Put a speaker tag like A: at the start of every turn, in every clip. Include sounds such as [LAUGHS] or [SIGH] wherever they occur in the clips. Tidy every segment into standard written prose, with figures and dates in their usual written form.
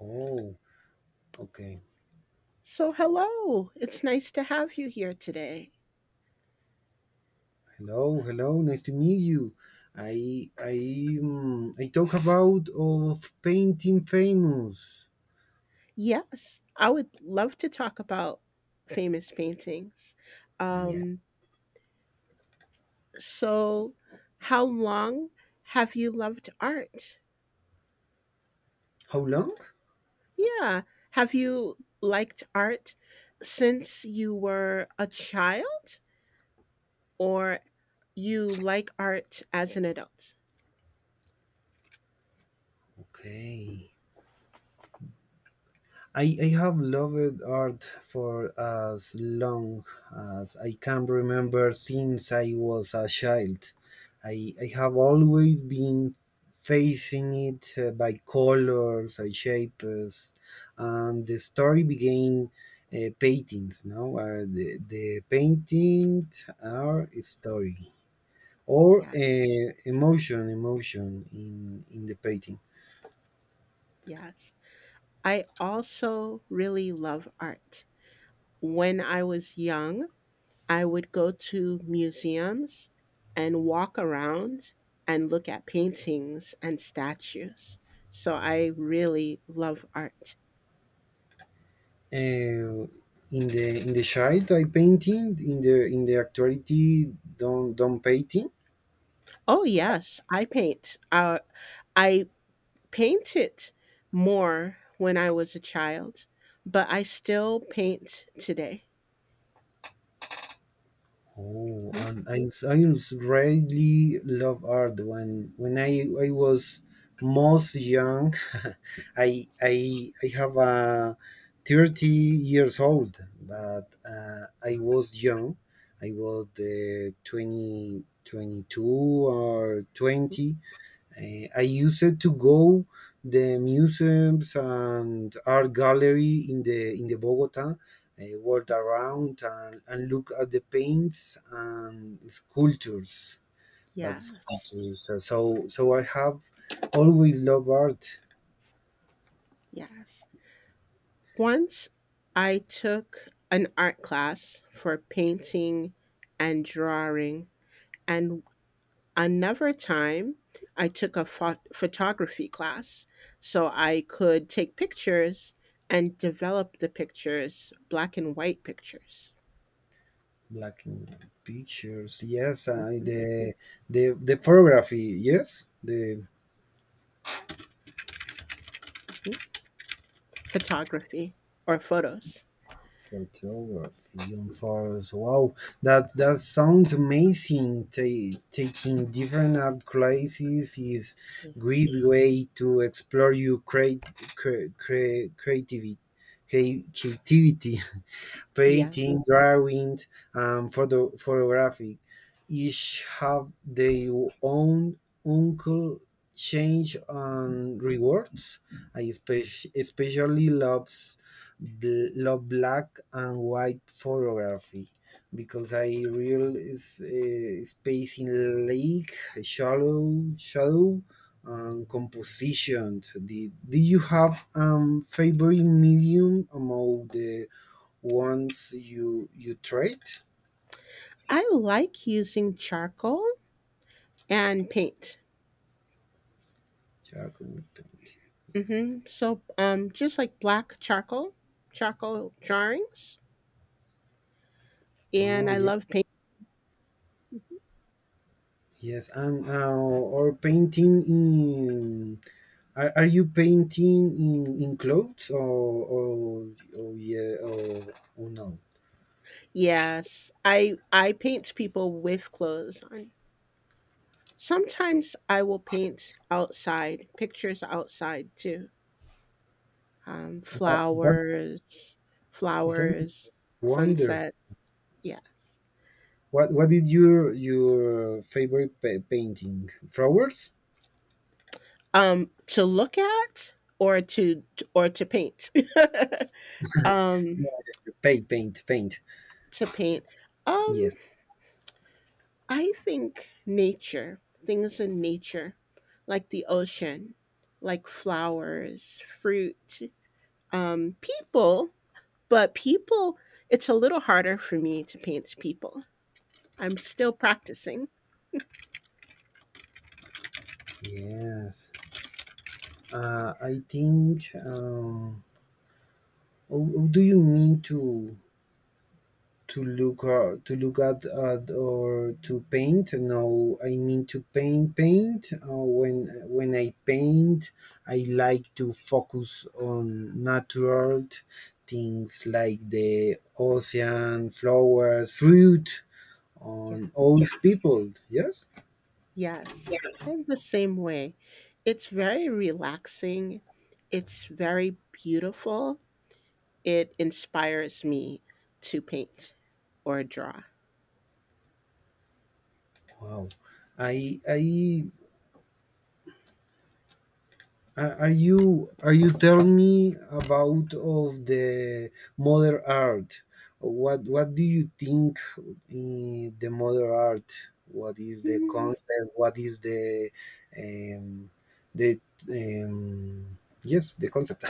A: Oh, okay.
B: So, hello. It's nice to have you here today.
A: Hello, hello. Nice to meet you. I talk about of painting famous.
B: Yes, I would love to talk about famous paintings.
A: Yeah.
B: Um, so, how long have you loved art?
A: How long?
B: Yeah, have you liked art since you were a child, or you like art as an adult?
A: Okay. I have loved art for as long as I can remember since I was a child. I have always been facing it by colors and shapes, and the story began paintings, now where the paintings are
B: Yeah,
A: a story or
B: yeah,
A: emotion, emotion in the painting.
B: Yes. I also really love art. When I was young, I would go to museums and walk around and look at paintings and statues. So I really love art.
A: Uh, in the in the child I painting in the actuality don't painting.
B: Oh, yes, I paint. I painted more when I was a child, but I still paint today.
A: Oh,
B: Mhm.
A: and I really love art when when I was most young. [LAUGHS] I have a thirty years old, but I was young. I was 20, 22 or 20. I used to go the museums and art gallery in the Bogota, walk around and look at the paints and sculptures, but
B: Yes,
A: sculptures. So I have always loved art,
B: yes. Once I took an art class for painting and drawing. And another time, I took a photography class so I could take pictures and develop the pictures, black and white pictures.
A: black and pictures. Yes, I,
B: Mhm.
A: the the photography. Yes, the
B: Photography or photos.
A: photography on fires. Wow, that sounds amazing. Taking different art classes is great way to explore your create, creativity. Creativity. [LAUGHS]
B: Yeah.
A: painting, drawing, and photography. Each have their own uncle change and rewards. I especially loves love black and white photography because I real is space in lake shallow shadow and composition. Did, do you have favorite medium among the once you trade,
B: I like using charcoal and paint.
A: charcoal painting, yes.
B: Hmm. Just like black charcoal, charcoal drawings, and
A: Oh
B: I
A: yeah.
B: love paint.
A: Yes. And or painting in, are you painting in clothes or or yeah or no.
B: Yes, I paint people with clothes on. Sometimes I will paint outside, pictures outside too. Um,
A: That's
B: flowers,
A: that
B: flowers,
A: wonder.
B: sunsets. Yes.
A: What is your favorite painting? Flowers?
B: To look at or to paint. [LAUGHS] um,
A: No, paint, paint, paint.
B: to paint. Um,
A: Yes.
B: I think nature, things in nature, like the ocean, like flowers, fruit, people. But people, it's a little harder for me to paint people. I'm still practicing.
A: Yes. I think. Oh, oh, do you mean to look at or to paint? No, I mean to paint. Paint. When I paint, I like to focus on natural things like the ocean, flowers, fruit,
B: Yeah.
A: on old people. Yes.
B: Yes. I'm the same way. It's very relaxing. It's very beautiful. It inspires me to paint or draw.
A: Wow. I are, are you telling me about of the modern art? What do you think in the modern art? What is the
B: Mm,
A: concept? What is um, the um, yes the concept?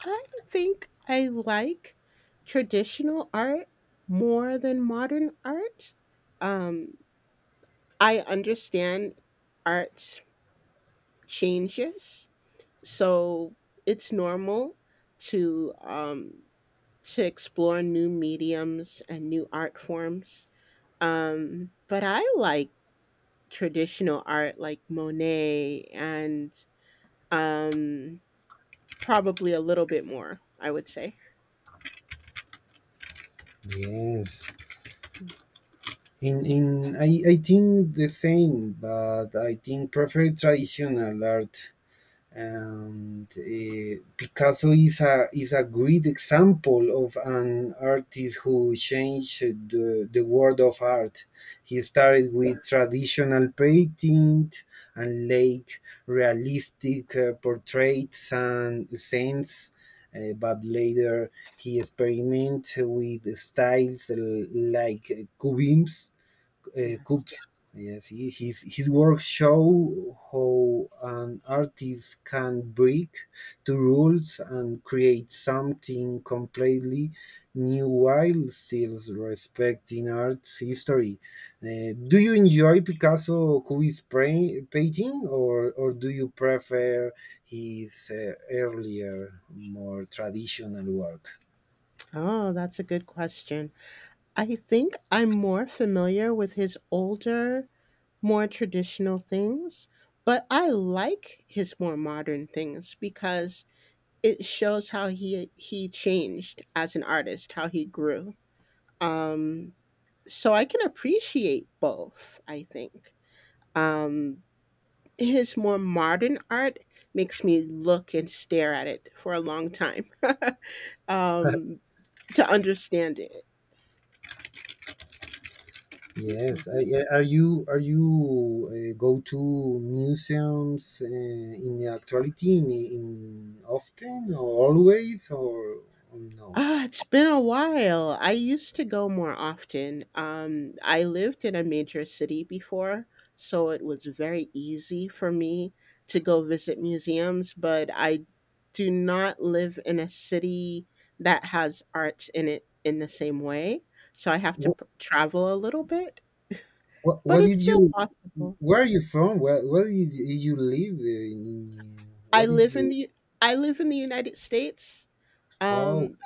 B: I think I like traditional art more than modern art. Um, I understand art changes, so it's normal to um, to explore new mediums and new art forms. But I like traditional art like Monet and um, probably a little bit more, I would say.
A: [LAUGHS] yes. In I think the same, but I think prefer traditional art. And Picasso is a great example of an artist who changed the world of art. He
B: Yeah.
A: started with traditional painting and late realistic portraits and scenes, but later he experimented with styles like cubism
B: Yes.
A: cups. Yes, he, his work show how an artist can break the
B: Yep.
A: rules and create something completely new while still respecting art's history. Do you enjoy Picasso Cubist painting, or do you prefer his earlier, more traditional work?
B: Oh, that's a good question. I think I'm more familiar with his older, more traditional things, but I like his more modern things because it shows how he changed as an artist, how he grew. Um, so I can appreciate both. I think um, his more modern art makes me look and stare at it for a long time [LAUGHS] um, to understand it.
A: Yes. I- are you go to museums in the actuality in often or always or no?
B: Ah, it's been a while. I used to go more often. I lived in a major city before, so it was very easy for me to go visit museums, but I do not live in a city that has arts in it in the same way. So I have to
A: What,
B: travel a little bit, but
A: what
B: it's
A: did
B: still
A: you?
B: possible.
A: Where are you from? Where did you live? In,
B: I
A: what did
B: live in
A: you?
B: the I live in the United States.
A: Oh,
B: Um,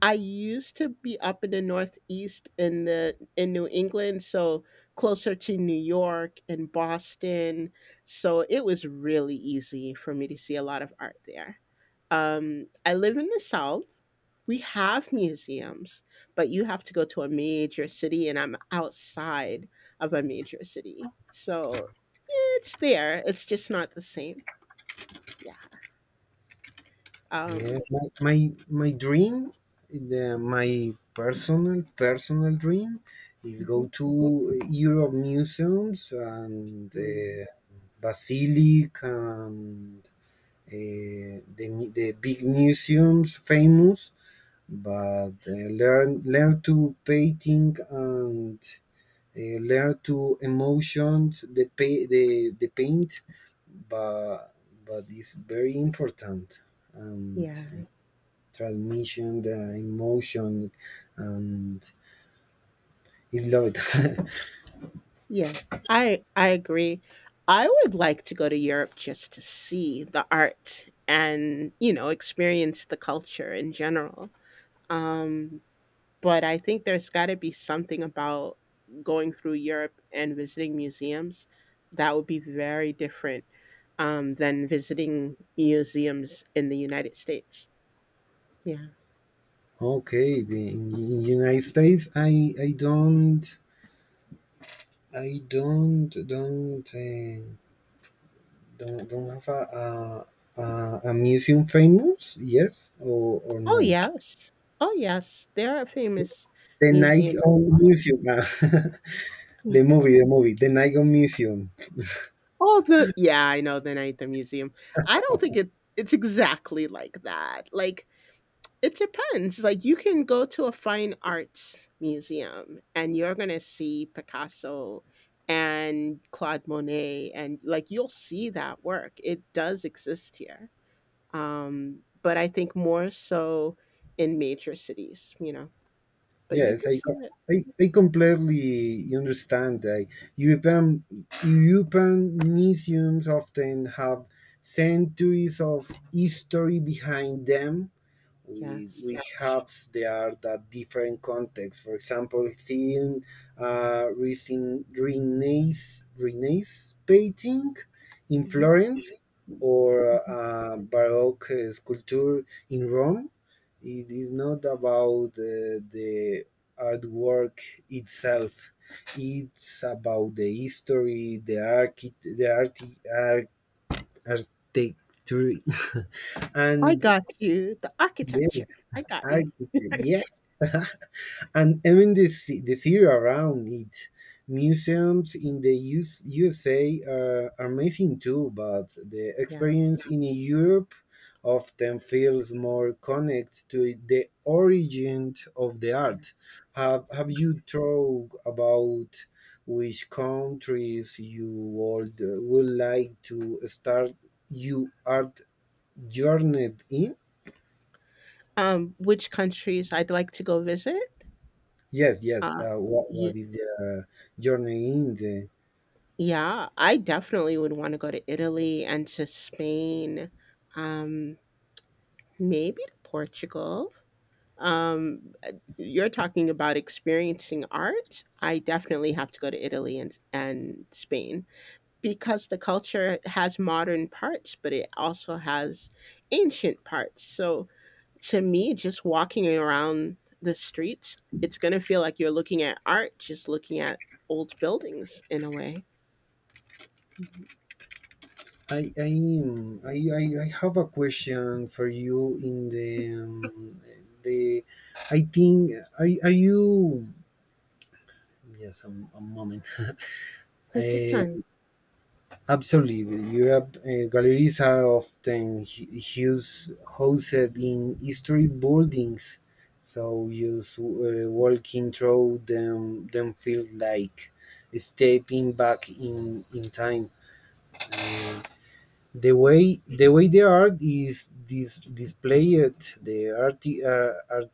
B: I used to be up in the Northeast in the in New England, so closer to New York and Boston. So it was really easy for me to see a lot of art there. I live in the South. We have museums, but you have to go to a major city, and I'm outside of a major city. So yeah, it's there. It's just not the same. Yeah.
A: yeah,
B: Um,
A: my dream, the, my personal personal dream, is go
B: mhm.
A: to Europe museums and
B: Mhm.
A: basilic and the the big museums famous, but learn learn to painting and learn to emotions the pay, the paint, but but it's very important and.
B: Yeah.
A: Transmission, the emotion, and it's loved.
B: Yeah, I agree. I would like to go to Europe just to see the art and, experience the culture in general. Um, but I think there's got to be something about going through Europe and visiting museums that would be very different than visiting museums in the United States. Yeah.
A: [LAUGHS] okay, the, in United States, I don't I don't have a museum famous. Yes or
B: Oh,
A: no.
B: yes. Oh, yes. There are famous
A: The Nike
B: museums in Boston.
A: Museum, ah, the movie, the movie, the Nike Museum.
B: Oh, the yeah, I know the night at the museum. I don't think it's exactly like that. Like, it depends. Like, you can go to a fine arts museum and you're gonna see Picasso and Claude Monet and, like, you'll see that work. It does exist here. But I think more so in major cities, you know? But you
A: Yes,
B: can see it.
A: I completely understand that European, European museums often have centuries of history behind them.
B: Yes.
A: We have the art at different contexts. For example, seeing recent Renaissance, Renaissance painting in
B: Mhm.
A: Florence or Baroque sculpture in Rome, it is not about the artwork itself. It's about the history, the archi- the arti, ar- architecture, [LAUGHS]
B: I
A: and
B: got you. The
A: yeah,
B: architecture. I got you.
A: architect. Yes, [LAUGHS] and even the city around it. Museums in the US, USA are amazing too, but the
B: Yeah.
A: experience in Europe often feels more connected to the origin of the
B: Yeah.
A: art. Have you thought about which countries you would like to start your art journey in?
B: Which countries I'd like to go visit?
A: Yes, yes.
B: Um,
A: What
B: yeah,
A: What is the journey in? The?
B: yeah, I definitely would want to go to Italy and to Spain, um, maybe to Portugal. You're talking about experiencing art. I definitely have to go to Italy and Spain because the culture has modern parts, but it also has ancient parts. So to me, just walking around the streets, it's going to feel like you're looking at art, just looking at old buildings in a way. Mhm.
A: I am I have a question for you in the I think are you yes a moment. [LAUGHS] uh,
B: Take your time.
A: Absolutely, Europe galleries are often huge hosted in history buildings, so just walking through them feels like stepping back in time. Uh, the way the way the art is displayed, art,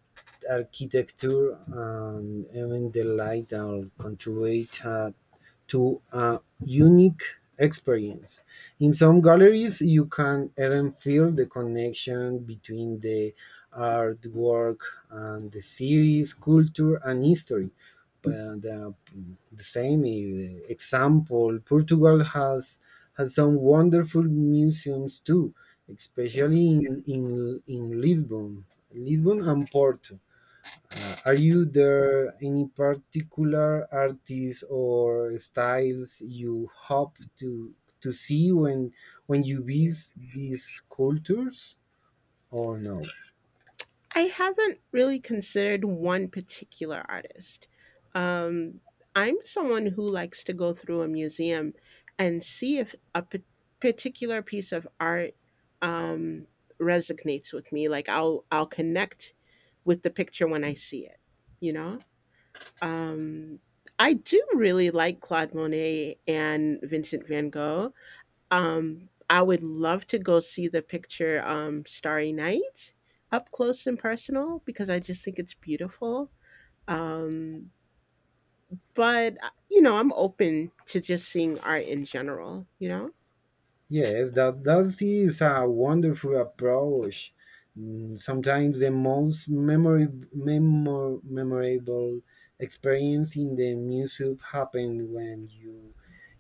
A: architecture, even the light, all contribute to a unique experience. In some galleries, you can even feel the connection between the artwork and the series, culture, and history. And, the same example, Portugal has some wonderful museums too,
B: Yeah.
A: especially in Lisbon, Lisbon and Porto. Are
B: Yeah.
A: you there any particular artists or styles you hope to see when you
B: Mhm.
A: visit these cultures or no?
B: I haven't really considered one particular artist. Um, I'm someone who likes to go through a museum and see if a particular piece of art um, resonates with me. Like I'll connect with the picture when I see it. You know, Um, I do really like Claude Monet and Vincent van Gogh. I would love to go see the picture Starry Night up close and personal because I just think it's beautiful. Um, but you know, I'm open to just seeing art in general, you know?
A: Yes, that that is a wonderful approach. Sometimes the most memorable experience in the music happened when you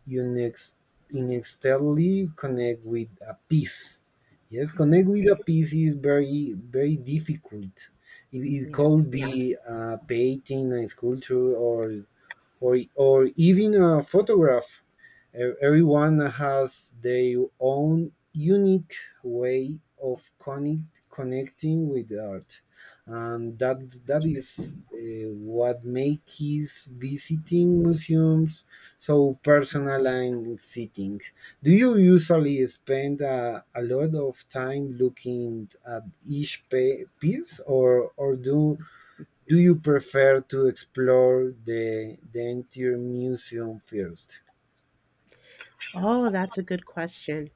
A: you next inextensively connect with a piece. Yes,
B: Hmm.
A: connect with a piece is very very difficult. It
B: Yeah.
A: could be a painting, a sculpture, or even a photograph. Everyone has their own unique way of connecting with art, and that that is what makes his visiting museums so
B: Yeah.
A: personal and exciting. Do you usually spend a lot of time looking at each piece, or do do you prefer to explore the entire museum first?
B: Oh, that's a good question.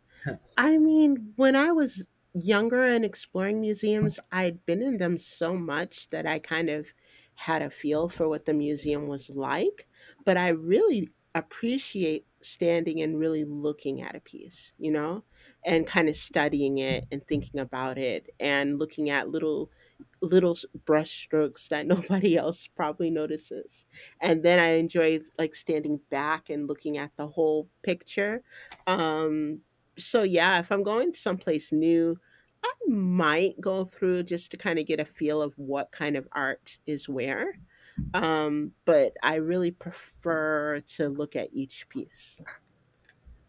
B: I mean, when I was younger and exploring museums, I'd been in them so much that I kind of had a feel for what the museum was like, but I really appreciate standing and really looking at a piece, you know, and kind of studying it and thinking about it and looking at little brush strokes that [LAUGHS] nobody else probably notices. And then I enjoy like standing back and looking at the whole picture. Um so yeah, if I'm going someplace new, I might go through just to kind of get a feel of what kind of art is where. But I really prefer to look at each piece.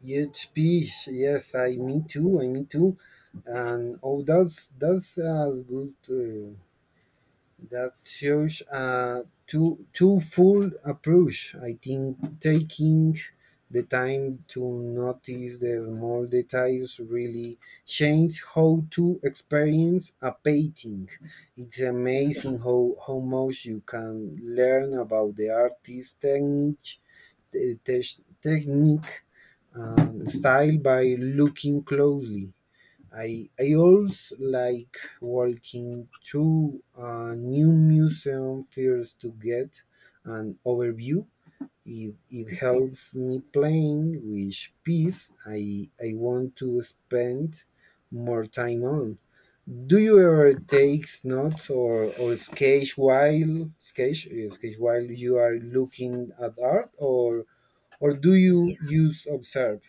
A: Huge piece, yes, I me too, and oh, that's a good. That shows a two two full approach. I think taking the time to notice the small details really change how to experience a painting. It's
B: Yeah.
A: amazing how much you can learn about the artist's technique, technique, and style by looking closely. I also like walking through a new museum first to get an overview. It
B: Mm.
A: helps me plan which piece I want to spend more time on. Do you ever
B: Yeah.
A: take notes or sketch while sketch sketch while you are looking at art or do
B: Yeah.
A: you use observe?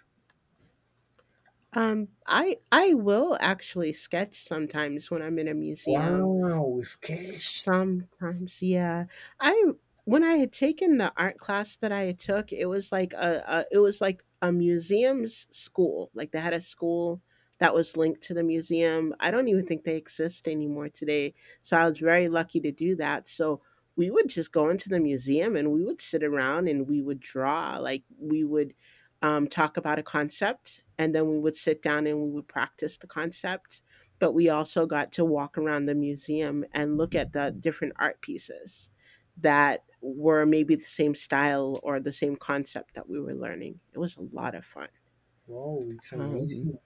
B: I will actually sketch sometimes when I'm in a museum.
A: Wow, sketch.
B: Sometimes, yeah. I when I had taken the art class that I had took, it was like a it was like a museum's school. Like they had a school that was linked to the museum. I don't even think they exist anymore today. So I was very lucky to do that. So we would just go into the museum and we would sit around and we would draw. Like we would talk about a concept and then we would sit down and we would practice the concept, but we also got to walk around the museum and look at the different art pieces that were maybe the same style or the same concept that we were learning. It was a lot of fun.
A: Wow, it's
B: Um,
A: amazing.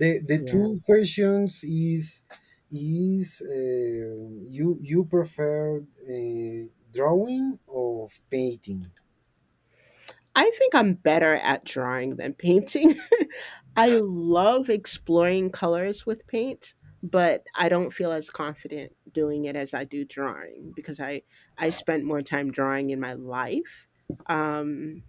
A: The
B: yeah.
A: two questions is you you prefer drawing or painting?
B: I think I'm better at drawing than painting. [LAUGHS] I love exploring colors with paint, but I don't feel as confident doing it as I do drawing because I spent more time drawing in my life. Um,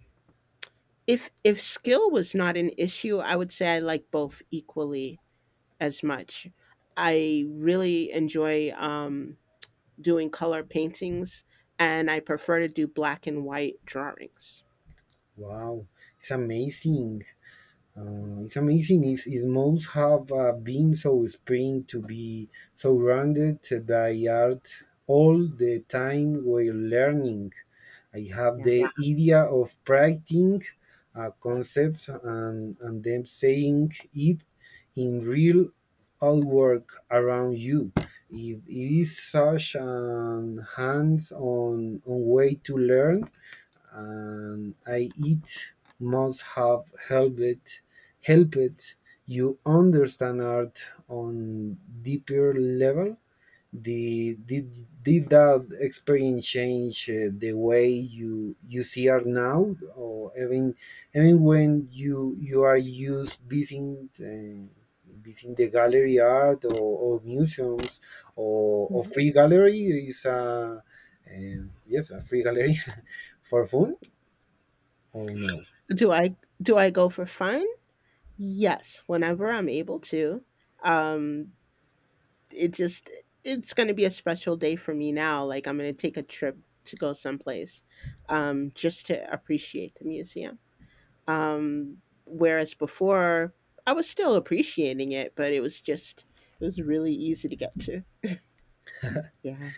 B: If skill was not an issue, I would say I like both equally as much. I really enjoy, doing color paintings, and I prefer to do black and white drawings.
A: Wow, it's amazing. It's amazing. It's most have been so spring to be surrounded by art all the time while learning. I have
B: Yeah.
A: the idea of writing a concept and then saying it in real all work around you. It is such an hands-on on way to learn, and I it must have helped helped you understand art on deeper level the did that experience change the way you you see art now or even even when you are used visiting visiting the gallery art or museums or
B: Mhm.
A: free gallery is a yes a free gallery. [LAUGHS] For fun or no?
B: do i do I go for fun? Yes, whenever I'm able to. um it just, it's going to be a special day for me now. Like I'm going to take a trip to go someplace just to appreciate the museum. um Whereas before I was still appreciating it, but it was just, it was really easy to get to. Yeah.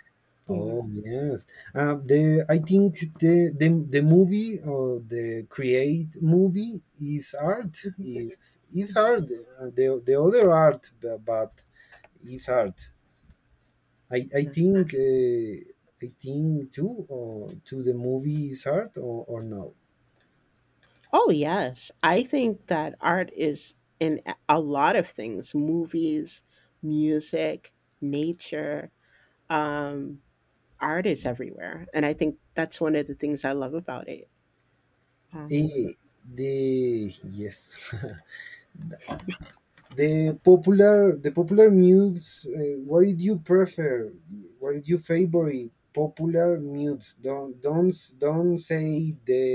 B: Yeah.
A: Oh yes, the I think the movie or the create movie
B: Mhm.
A: is art the other art but is art. I I
B: Yeah.
A: think uh, I think too or to the movie is art or no.
B: Oh, yes. I think that art is in a lot of things: movies, music, nature. Um, Art is everywhere. And I think that's one of the things I love about it. Um,
A: Eh, the yes. [LAUGHS] The popular mutes. What did you prefer? What did you favorite? Popular mutes. Don't don't say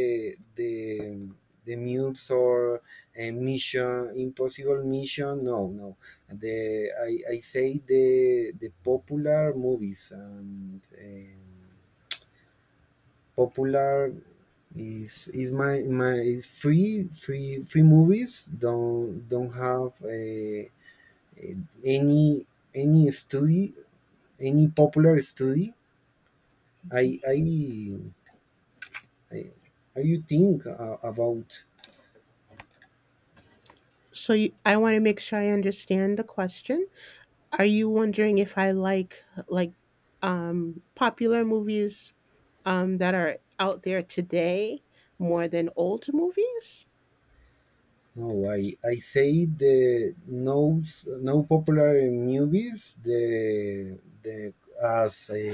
A: the mutes or a mission impossible mission. No no. The I say the popular movies and popular is my my is free free free movies don't have a any any study, any popular study? I I, I how you think about
B: so you, I want to make sure I understand the question. Are you wondering if I like like popular movies that are out there today more than old movies?
A: no, I say the no popular movies the as a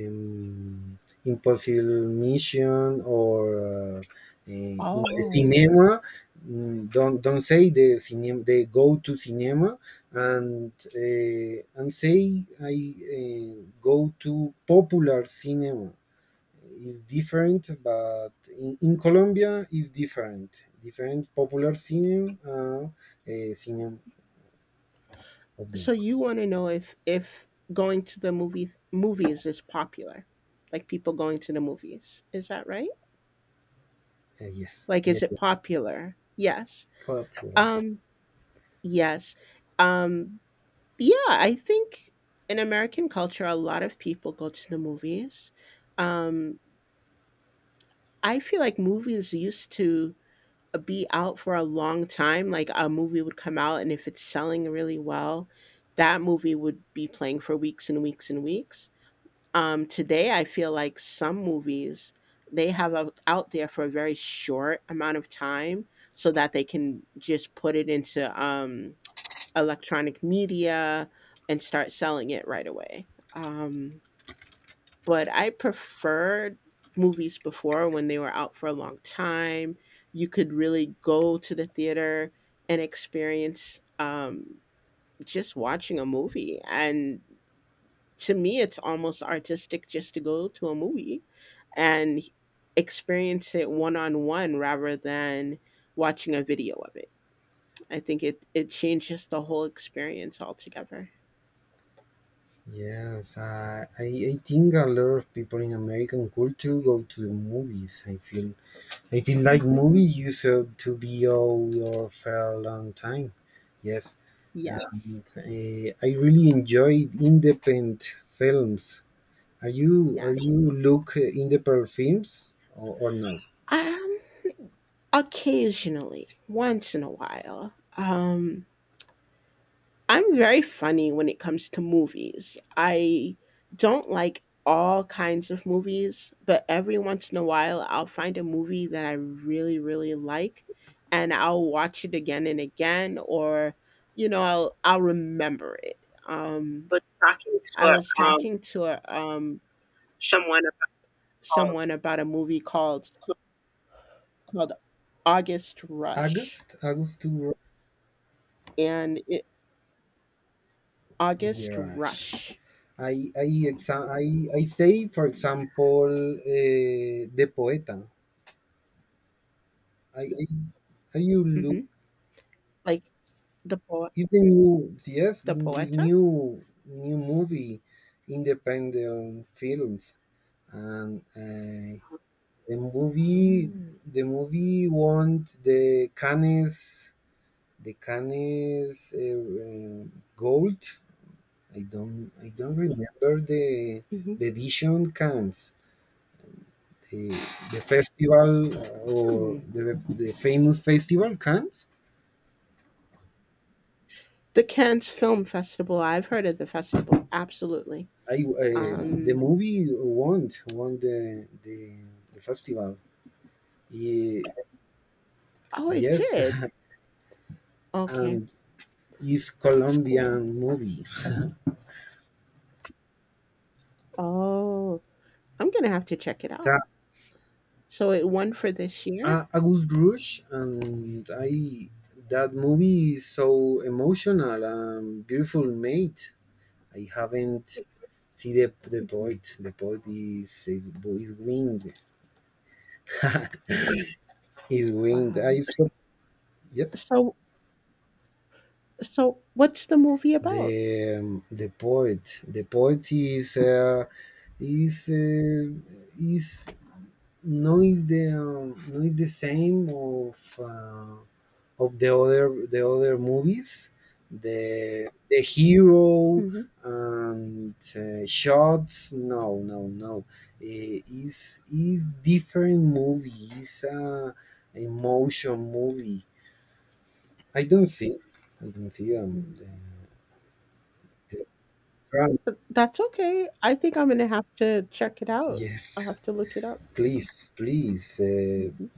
A: um, impossible mission or in the
B: Oh.
A: cinema. Don't say the cinema. They go to cinema and say I go to popular cinema is different, but in Colombia is different. Different popular cinema, cinema of them.
B: So you want to know if going to the movies is popular, like people going to the movies. Is that right?
A: Yes,
B: Like, is
A: yes,
B: it
A: yes.
B: popular? Yes.
A: Popular.
B: Um, Yes. Um, yeah, I think in American culture, a lot of people go to the movies. Um, I feel like movies used to be out for a long time. Like a movie would come out, and if it's selling really well, that movie would be playing for weeks and weeks and weeks. Today, I feel like some movies, they have out out there for a very short amount of time so that they can just put it into electronic media and start selling it right away. But I preferred movies before when they were out for a long time. You could really go to the theater and experience just watching a movie. And to me, it's almost artistic just to go to a movie and experience it one on one rather than watching a video of it. I think it changes the whole experience altogether.
A: Yes, I think a lot of people in American culture go to the movies. I feel like
B: Mhm.
A: movie used to be all your for a long time. Yes,
B: Yes,
A: I really enjoyed independent films. Are
B: yes.
A: you look in the pearl films or no?
B: Um, Occasionally, once in a while. I'm very funny when it comes to movies. I don't like all kinds of movies, but every once in a while, I'll find a movie that I really, really like, and I'll watch it again and again, or I'll remember it. Um,
A: Was talking
B: I
A: to
B: was
A: um,
B: talking to a,
A: someone about college.
B: someone about a movie called August Rush
A: August, August to
B: and it, August
A: yes.
B: Rush.
A: I exa I say for
B: Yeah.
A: example the poeta. I how you look
B: Hmm. Like the poet,
A: is the new, yes,
B: the
A: in is
B: poeta.
A: new movie, independent films, and The movie,
B: Ah.
A: the movie, won the Cannes Gold. I don't remember the
B: Mhm.
A: the edition Cannes, the the festival,
B: Hmm.
A: or the famous festival Cannes.
B: The Cannes Film Festival. I've heard of the festival. Absolutely.
A: I The
B: Um.
A: movie won the festival. Ye-
B: Oh, it
A: yes.
B: did.
A: [LAUGHS]
B: Okay,
A: And is
B: that's cool.
A: Colombian movie.
B: Oh, I'm gonna have to check it out. So it won for this year.
A: August Rush. And I that movie is so emotional and beautiful made. I haven't see the
B: Hmm.
A: poet. The poet is wind. Is wind.
B: Wow.
A: Yes.
B: So what's the movie about?
A: The poet. The poet is uh, is no, is the no, is the same of, of the other movies, the hero,
B: Hmm.
A: and shots, no, no, no. Is different movie, is a emotion movie. I don't see i don't see, the drama.
B: That's okay. I think I'm gonna have to check it out.
A: Yes,
B: I'll have to look it up.
A: please,
B: Mhm.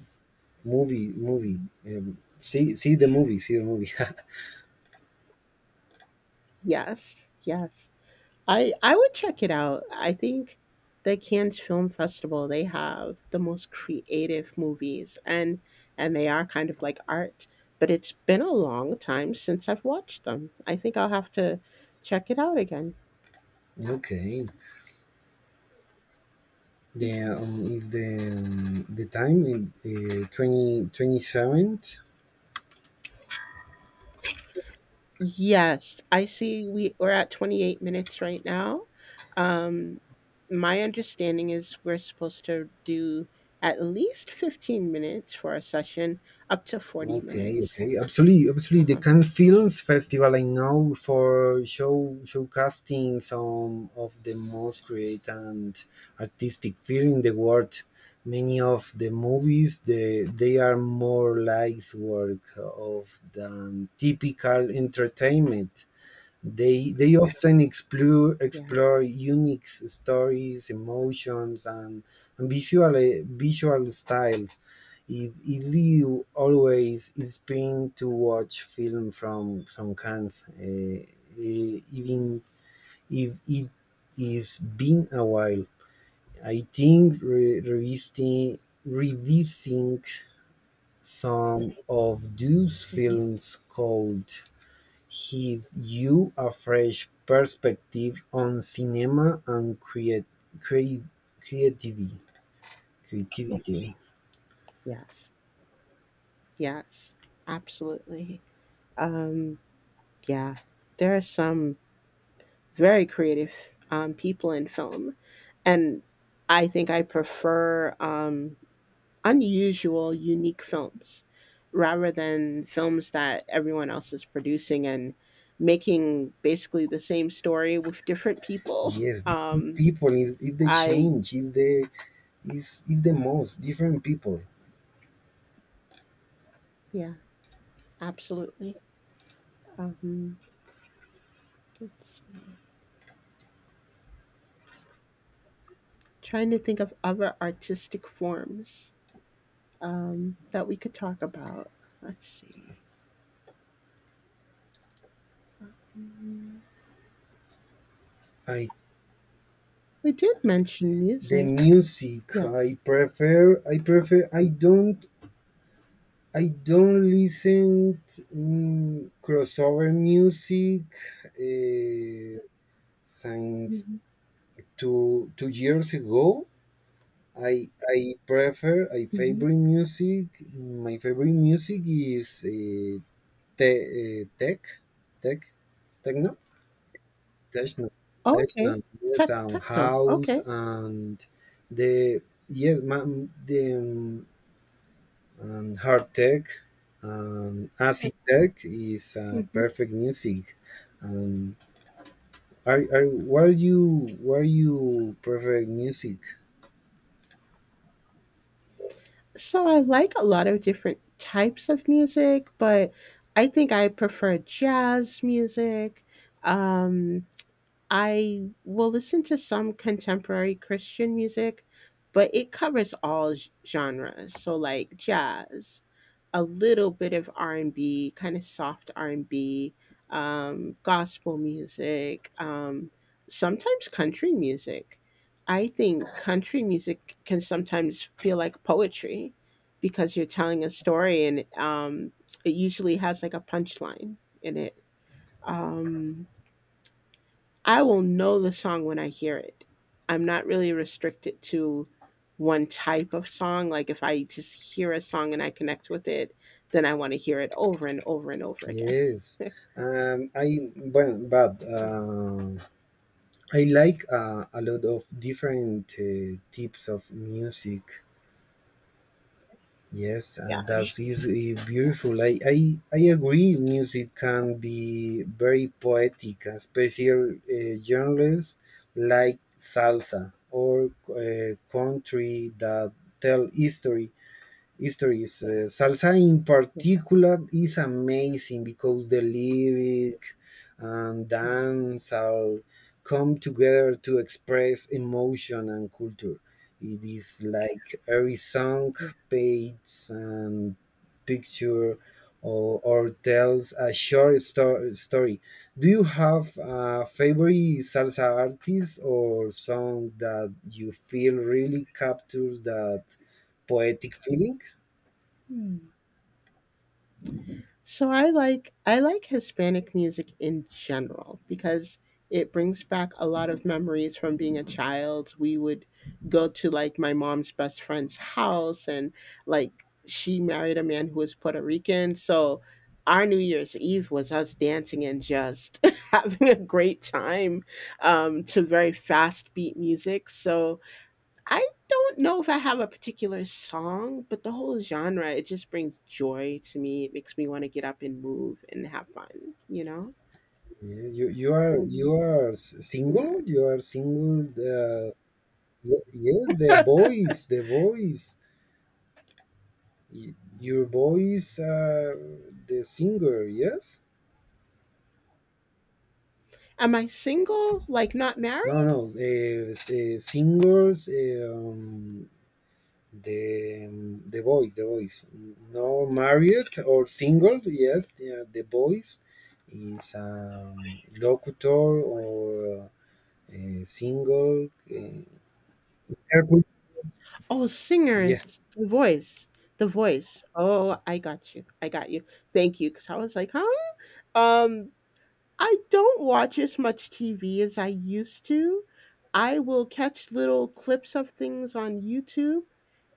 A: movie, see the movie, see the movie.
B: Yes, yes. I would check it out. I think the Cannes Film Festival, they have the most creative movies, and they are kind of like art, but it's been a long time since I've watched them. I think I'll have to check it out again.
A: [LAUGHS] Okay. The
B: Mhm.
A: is the time in the 2027.
B: Yes, I see we're at 28 minutes right now. Um, my understanding is we're supposed to do at least 15 minutes for a session, up to 40
A: Okay,
B: minutes.
A: okay, absolutely, absolutely. The
B: Um,
A: Cannes Films Festival I know for showcasing some of the most creative and artistic film in the world. Many of the movies, they are more like work of than typical entertainment. They often explore
B: yeah.
A: explore unique stories, emotions, and visual styles. It is you always inspiring to watch film from Cannes, even if it is been a while. I think revisiting revising some of those
B: Hmm.
A: films could he views a fresh perspective on cinema and create, creativity. Creativity.
B: Yes. Yes. Absolutely. Um, yeah. There are some very creative people in film, and I think I prefer. Unusual, unique films rather than films that everyone else is producing and making basically the same story with different people.
A: Yes, different
B: Um,
A: people is the
B: I,
A: change, is the is the most different people.
B: yeah, absolutely. Um, let's see. Trying to think of other artistic forms that we could talk about. Let's see. Um,
A: I
B: we did mention
A: The
B: music.
A: music
B: Yes.
A: I prefer, I don't listen crossover music, uh, since
B: Hmm.
A: two 2 years ago. I prefer I
B: Hmm.
A: favorite music. My favorite music is, te- uh, tech, tech, techno, techno,
B: Okay.
A: techno. Yes,
B: Tech,
A: and
B: techno.
A: house,
B: Okay.
A: and the yes, the and hard tech and acid tech is,
B: Mm-hmm.
A: perfect music. Um, are what are you prefer music?
B: So I like a lot of different types of music, but I think I prefer jazz music. Um, I will listen to some contemporary Christian music, but it covers all genres. So like jazz, a little bit of R&B, kind of soft R&B, gospel music, sometimes country music. I think country music can sometimes feel like poetry because you're telling a story and it usually has like a punchline in it. Um, I will know the song when I hear it. I'm not really restricted to one type of song. Like if I just hear a song and I connect with it, then I want to hear it over and over and over again.
A: Yes,
B: [LAUGHS]
A: I well, but
B: Yeah.
A: I like, a lot of different, types of music. Yes, yeah, and
B: Mhm.
A: that is, beautiful.
B: Yes.
A: I agree. Music can be very poetic, especially, genres like salsa or, country that tell history histories. Salsa in
B: Yeah.
A: particular is amazing because the lyric and
B: Yeah.
A: dance all come together to express emotion and culture. It is like every song
B: Yeah.
A: paints and picture, or tells a short story. Do you have a favorite salsa artist or song that you feel really captures that poetic feeling?
B: Hmm. So I like Hispanic music in general because it brings back a lot of memories from being a child. We would go to like my mom's best friend's house and like she married a man who was Puerto Rican. So our New Year's Eve was us dancing and just [LAUGHS] having a great time to very fast beat music. So I don't know if I have a particular song, but the whole genre, it just brings joy to me. It makes me want to get up and move and have fun, you know?
A: Yeah, you are you
B: Um,
A: are s- single. You
B: hmm.
A: are single. Yes, the voice, the voice. Y- Your voice, the singer. Yes.
B: Am I single? Like not
A: No,
B: married?
A: no. Singers. The the voice, the voice. No, married or single. Yes. The voice is, locutor or, single. Interpret-
B: Oh, singer,
A: yes.
B: the voice, the voice. Oh, I got you. I got you. Thank you. Cause I was like, huh? Um, I don't watch as much TV as I used to. I will catch little clips of things on YouTube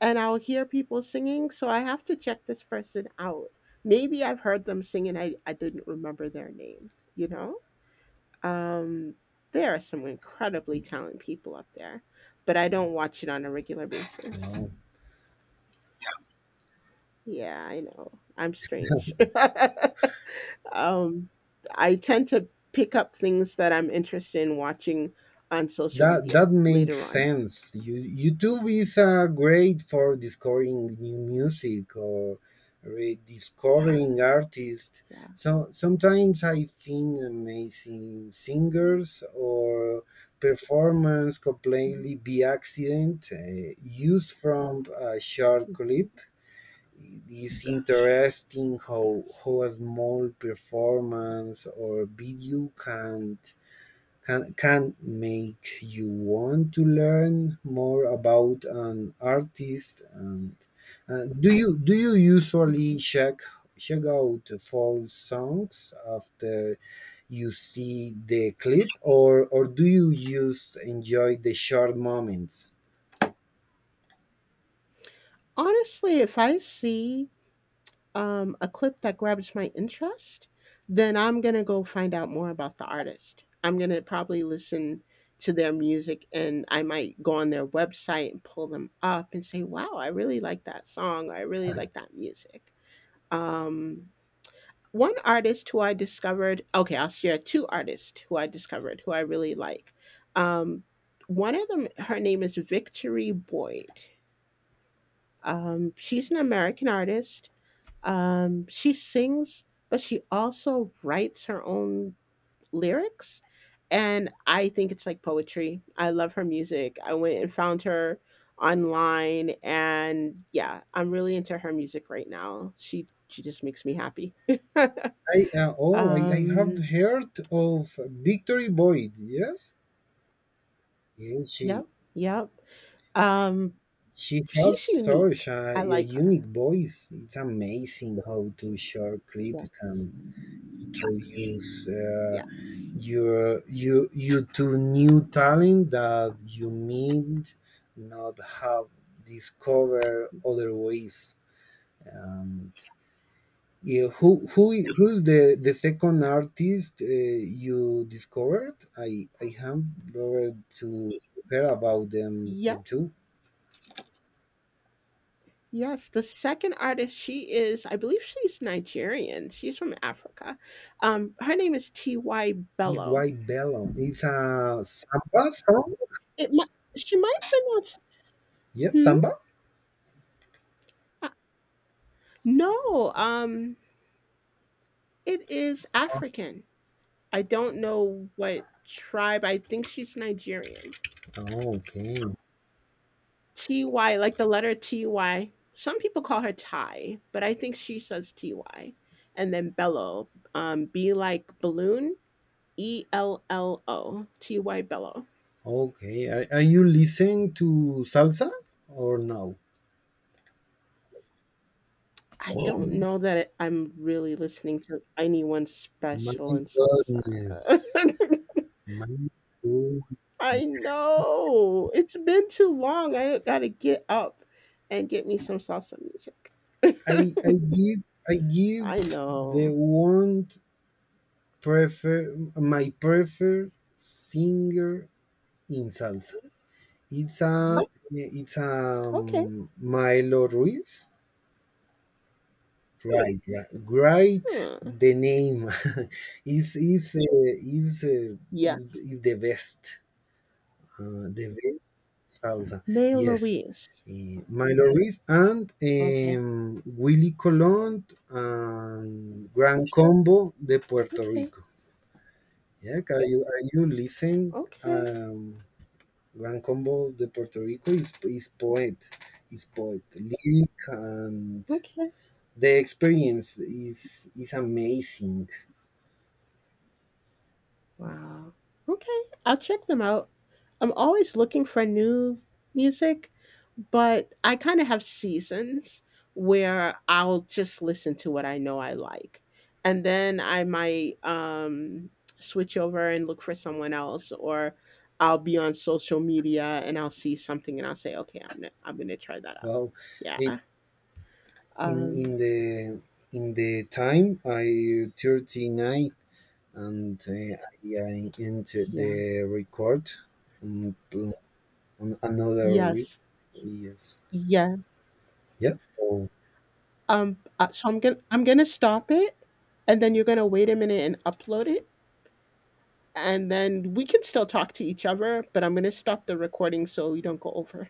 B: and I'll hear people singing, so I have to check this person out. Maybe I've heard them sing and I didn't remember their name, you know? Um, there are some incredibly talented people up there, but I don't watch it on a regular basis.
A: Wow.
B: Yeah, I know. I'm strange. [LAUGHS] Um, I tend to pick up things that I'm interested in watching on social
A: That
B: media
A: that
B: later
A: makes
B: on.
A: sense. YouTube is, great for discovering new music or rediscovering artists.
B: Yeah.
A: So sometimes I find amazing singers or performance
B: Mhm.
A: completely by accident, used from a short clip. It is interesting how
B: Yes.
A: how a small performance or video can make you want to learn more about an artist. And, do you usually
B: Mhm.
A: check out folk songs after you see the clip or do you just enjoy the short moments?
B: Honestly, if I see a clip that grabs my interest, then I'm going to go find out more about the artist. I'm going to probably listen to their music and I might go on their website and pull them up and say, wow, I really like that song. I really like that music. Um, one artist who I discovered, okay, I'll share two artists who I discovered who I really like. Um, one of them, her name is Victory Boyd. She's an American artist. She sings, but she also writes her own lyrics. And I think it's like poetry. I love her music. I went and found her online, and yeah, I'm really into her music right now. She just makes me happy.
A: I
B: [LAUGHS]
A: Oh, I have
B: Um.
A: heard of Victory Boyd. Yes yes,
B: Yep, yep. Um,
A: she has
B: she's
A: such
B: unique.
A: a
B: I like her.
A: unique voice. It's amazing how to short clip
B: Yes,
A: can introduce,
B: yes,
A: you to new talent that you might not have discovered otherwise. Um, yeah, who who
B: yes,
A: i- who's the second
B: yeah,
A: artist, you discovered? I have heard to hear about them
B: yep,
A: too.
B: yes. The second artist, she is, I believe she's Nigerian. She's from Africa. Her name is T.Y.
A: T
B: Bello.
A: Y. Bellum. It's a samba song?
B: It might, she might pronounce,
A: Yes,
B: hmm?
A: samba?
B: Uh, No, it is
A: Oh,
B: African. I don't know what tribe. I think she's Nigerian.
A: okay.
B: T-Y, like the letter T-Y. Some people call her Ty, but I think she says T-Y. And then Bello, be like balloon, ello, T-Y Bello.
A: Okay. Are you listening to salsa or no?
B: I
A: Oh.
B: don't know that it, I'm really listening to anyone
A: My
B: special in salsa.
A: goodness. My good-
B: [LAUGHS] I know. It's been too long. I gotta get up and get me some salsa music.
A: I I
B: [LAUGHS]
A: give I give
B: I
A: the
B: know.
A: one prefer my preferred singer in salsa. It's a
B: Mhm.
A: it's a
B: Okay.
A: Milo Ruiz. Right, right. Great.
B: Huh.
A: The name [LAUGHS] is is uh, is, uh, is
B: Yes.
A: is the best salsa.
B: May
A: Yes,
B: Louise.
A: Milo Ruiz and,
B: Okay.
A: Willy Colon and Gran Combo de Puerto
B: Okay.
A: Rico. Yeah, can you are you listen?
B: Okay.
A: Um, Gran Combo de Puerto Rico is poet, is poet, lyric, and
B: Okay.
A: the experience is amazing.
B: Wow. Okay. I'll check them out. I'm always looking for new music, but I kind of have seasons where I'll just listen to what I know I like. And then I might switch over and look for someone else, or I'll be on social media and I'll see something and I'll say, okay, I'm gonna try that out.
A: Wow. Eh,
B: Yeah.
A: In
B: Um,
A: in the in the time I 39 and I end
B: yeah.
A: the record, um, on another
B: Yes.
A: yes,
B: Yes.
A: yeah, oh,
B: So I'm gonna stop it, and then you're gonna wait a minute and upload it, and then we can still talk to each other, but I'm gonna stop the recording so we don't go over.